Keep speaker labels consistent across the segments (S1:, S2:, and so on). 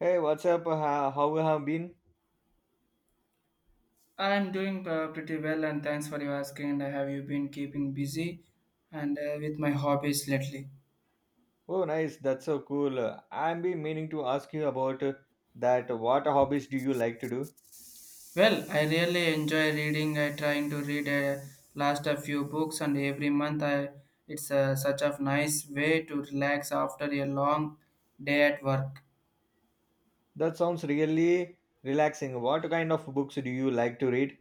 S1: Hey, what's up? How have been?
S2: I'm doing pretty well, and thanks for your asking. And have you been keeping busy and with my hobbies lately?
S1: Oh, nice. That's so cool. I've been meaning to ask you about that. What hobbies do you like to do?
S2: Well, I really enjoy reading. I trying to read a last a few books, and every month I it's such a nice way to relax after a long day at work.
S1: That sounds really relaxing. What kind of books do you like to read?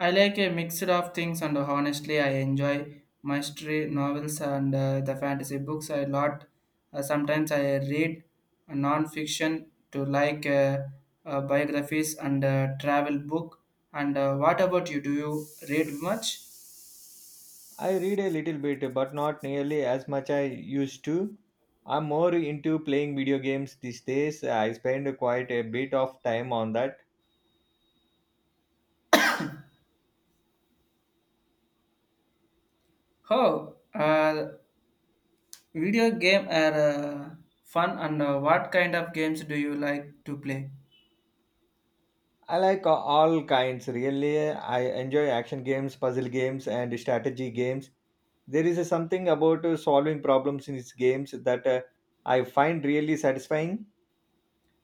S2: I like a mix of things, and honestly, I enjoy mystery novels and the fantasy books a lot. Sometimes I read non-fiction to like biographies and travel book. And what about you? Do you read much?
S1: I read a little bit, but not nearly as much I used to. I'm more into playing video games these days. I spend quite a bit of time on that.
S2: Oh, video game are fun. And what kind of games do you like to play?
S1: I like all kinds, really. I enjoy action games, puzzle games, and strategy games. There is a something about solving problems in his games that I find really satisfying.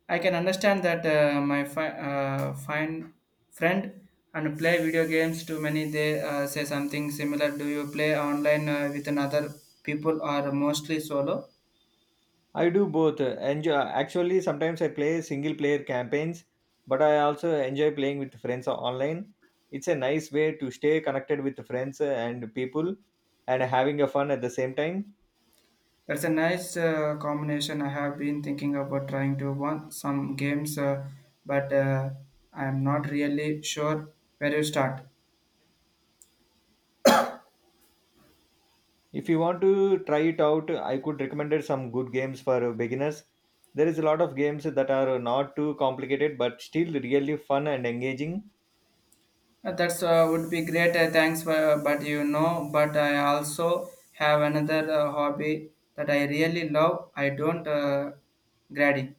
S2: I can understand that my fine friend and play video games too many they say something similar. Do you play online with another people or mostly solo?
S1: I do both. Enjoy. Actually, sometimes I play single player campaigns, but I also enjoy playing with friends online. It's a nice way to stay connected with friends and people and having a fun at the same time.
S2: That's a nice combination. I have been thinking about trying to won some games but I am not really sure where to start.
S1: If you want to try it out, I could recommend it some good games for beginners. There is a lot of games that are not too complicated but still really fun and engaging.
S2: That's would be great. Thanks, for, but I also have another hobby that I really love. I don't grading.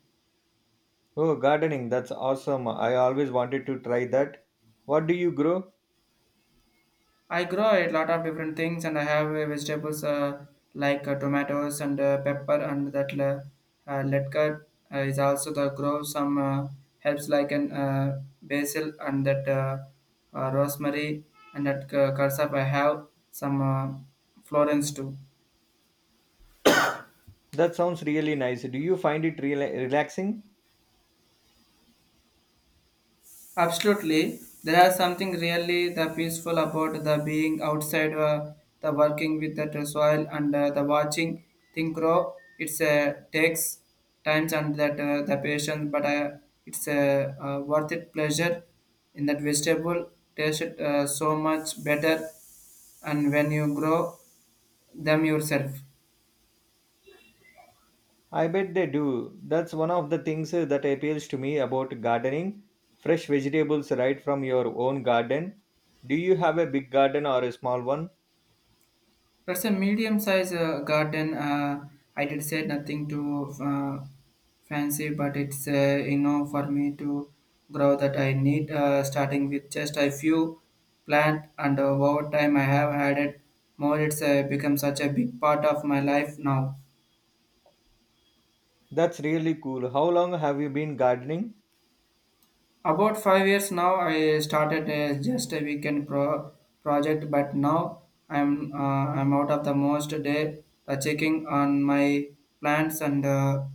S1: Oh, gardening, that's awesome. I always wanted to try that. What do you grow?
S2: I grow a lot of different things, and I have vegetables like tomatoes and pepper, and that letka is also the grow some helps like an basil and that rosemary and that cursop. I have some florins too.
S1: That sounds really nice. Do you find it relaxing?
S2: Absolutely, there is something really the peaceful about the being outside, the working with the soil and the watching thing grow. It's takes times and that the patience, but it's a worth it pleasure. In that vegetable, taste it so much better, and when you grow them yourself.
S1: I bet they do. That's one of the things that appeals to me about gardening. Fresh vegetables right from your own garden. Do you have a big garden or a small one?
S2: That's a medium-sized garden. I did say nothing too fancy, but it's for me to grow that I need. Starting with just a few plant, and over time I have added more. It's become such a big part of my life now.
S1: That's really cool. How long have you been gardening?
S2: About 5 years now, I started just a weekend project, but now I'm out of the most day checking on my plants and.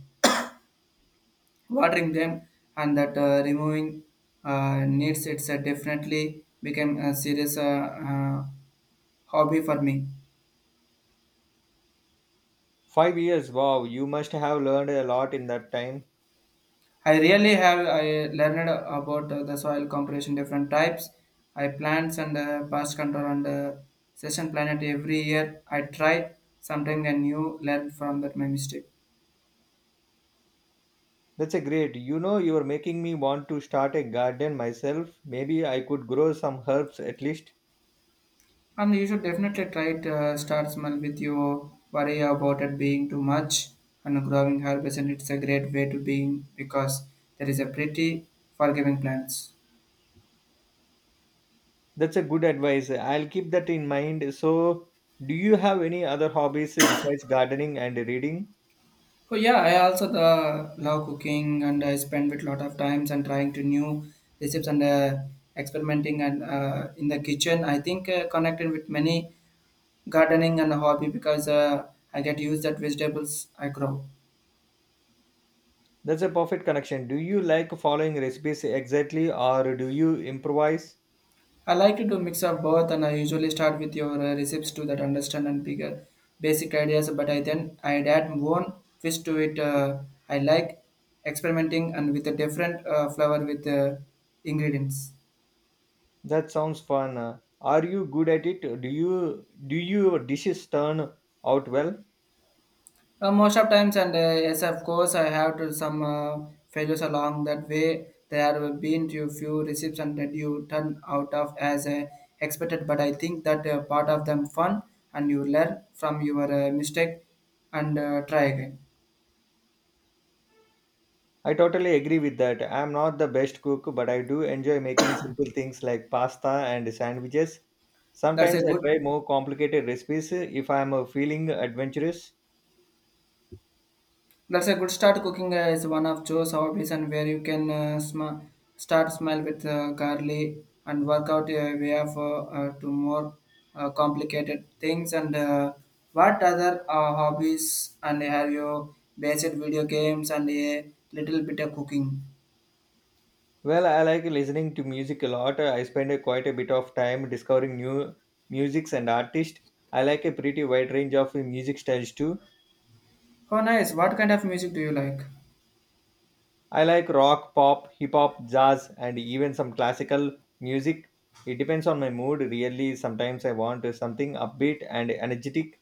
S2: Watering them and that removing needs. It's definitely became a serious hobby for me.
S1: 5 years. Wow, you must have learned a lot in that time.
S2: I really have. I learned about the soil composition, different types I plants and pest control and session planet. Every year I try something and new learn from that my mistake.
S1: That's a great. You know, you're making me want to start a garden myself. Maybe I could grow some herbs at least.
S2: And you should definitely try to start small with your worry about it being too much and growing herbs and it's a great way to being because there is a pretty forgiving plants.
S1: That's a good advice. I'll keep that in mind. So, do you have any other hobbies besides gardening and reading?
S2: Oh yeah, I also the love cooking and I spend with lot of times and trying to new recipes and experimenting and in the kitchen. I think connecting with many gardening and hobby because I get used that vegetables I grow.
S1: That's a perfect connection. Do you like following recipes exactly or do you improvise?
S2: I like to do mix of both, and I usually start with your recipes to that understand and bigger basic ideas. But I then I add one twist to it. I like experimenting and with a different flavor with ingredients.
S1: That sounds fun. Are you good at it? Do you do your dishes turn out well?
S2: Most of times, and yes, of course, I have to some failures along that way. There have been to few recipes and that you turn out of as expected. But I think that part of them fun, and you learn from your mistake and try again.
S1: I totally agree with that. I am not the best cook, but I do enjoy making simple things like pasta and sandwiches.
S2: That's
S1: Sometimes
S2: a
S1: I
S2: good.
S1: try more complicated recipes if I am feeling adventurous.
S2: That's a good start. Cooking is one of those hobbies and where you can start small with garlic and work out a way of to more complicated things. And what other hobbies and have you basic video games and a little bit of cooking?
S1: Well, I like listening to music a lot. I spend quite a bit of time discovering new musics and artists. I like a pretty wide range of music styles too.
S2: Oh, nice. What kind of music do you like?
S1: I like rock, pop, hip hop, jazz, and even some classical music. It depends on my mood, really. Sometimes I want something upbeat and energetic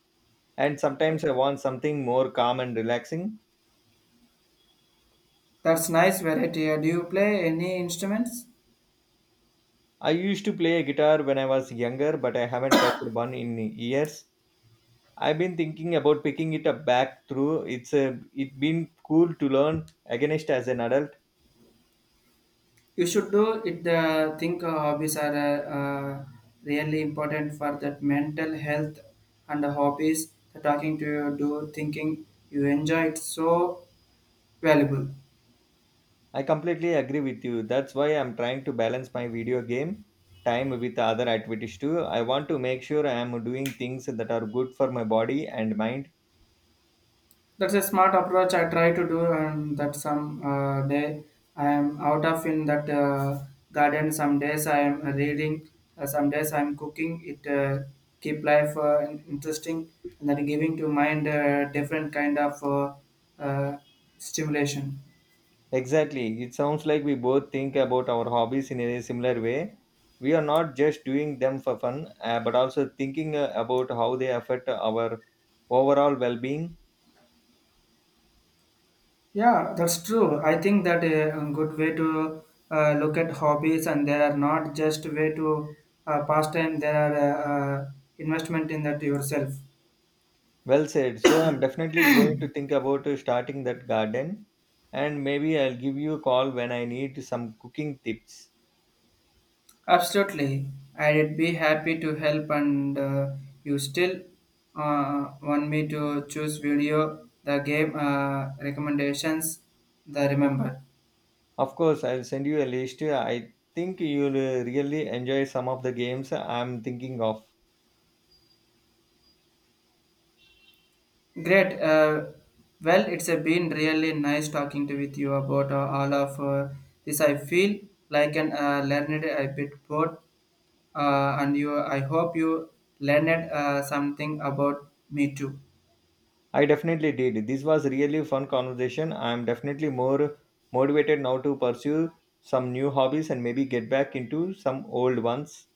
S1: and sometimes I want something more calm and relaxing.
S2: That's nice variety. Do you play any instruments?
S1: I used to play guitar when I was younger, but I haven't touched one in years. I've been thinking about picking it up back through. It's a it been cool to learn against as an adult.
S2: You should do it. Think hobbies are really important for that mental health and the hobbies. The talking to you, do thinking you enjoy it so valuable.
S1: I completely agree with you. That's why I'm trying to balance my video game time with other activities too. I want to make sure I am doing things that are good for my body and mind.
S2: That's a smart approach I try to do, and that some day I am out of in that garden. Some days I am reading, some days I am cooking. It keep life interesting and then giving to mind different kind of uh, stimulation.
S1: Exactly. It sounds like we both think about our hobbies in a similar way. We are not just doing them for fun, but also thinking about how they affect our overall well being.
S2: Yeah, that's true. I think that a good way to look at hobbies, and they are not just way to pass time. They are uh, investment in that yourself.
S1: Well said. So, I'm definitely going to think about starting that garden, and maybe I'll give you a call when I need some cooking tips.
S2: Absolutely, I'd be happy to help. And you still want me to choose video, the game recommendations, the remember.
S1: Of course, I'll send you a list. I think you'll really enjoy some of the games I'm thinking of.
S2: Great. Well, it's been really nice talking to with you about all of this. I feel like an learned a bit bored, and you. I hope you learned something about me too.
S1: I definitely did. This was really fun conversation. I am definitely more motivated now to pursue some new hobbies and maybe get back into some old ones.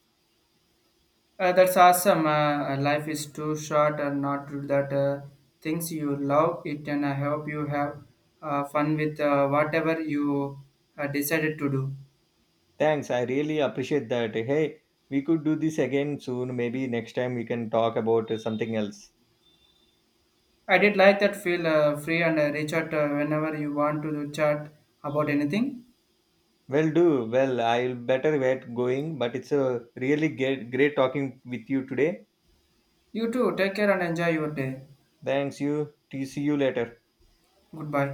S2: That's awesome. Life is too short and not to do that things you love it, and I hope you have fun with whatever you decided to do.
S1: Thanks. I really appreciate that. Hey, we could do this again soon. Maybe next time we can talk about something else.
S2: I did like that feel free and reach out whenever you want to chat about anything.
S1: Well, do well. I'll better get going, but it's a really great talking with you today.
S2: You too, take care and enjoy your day.
S1: Thanks. You. See you later.
S2: Goodbye.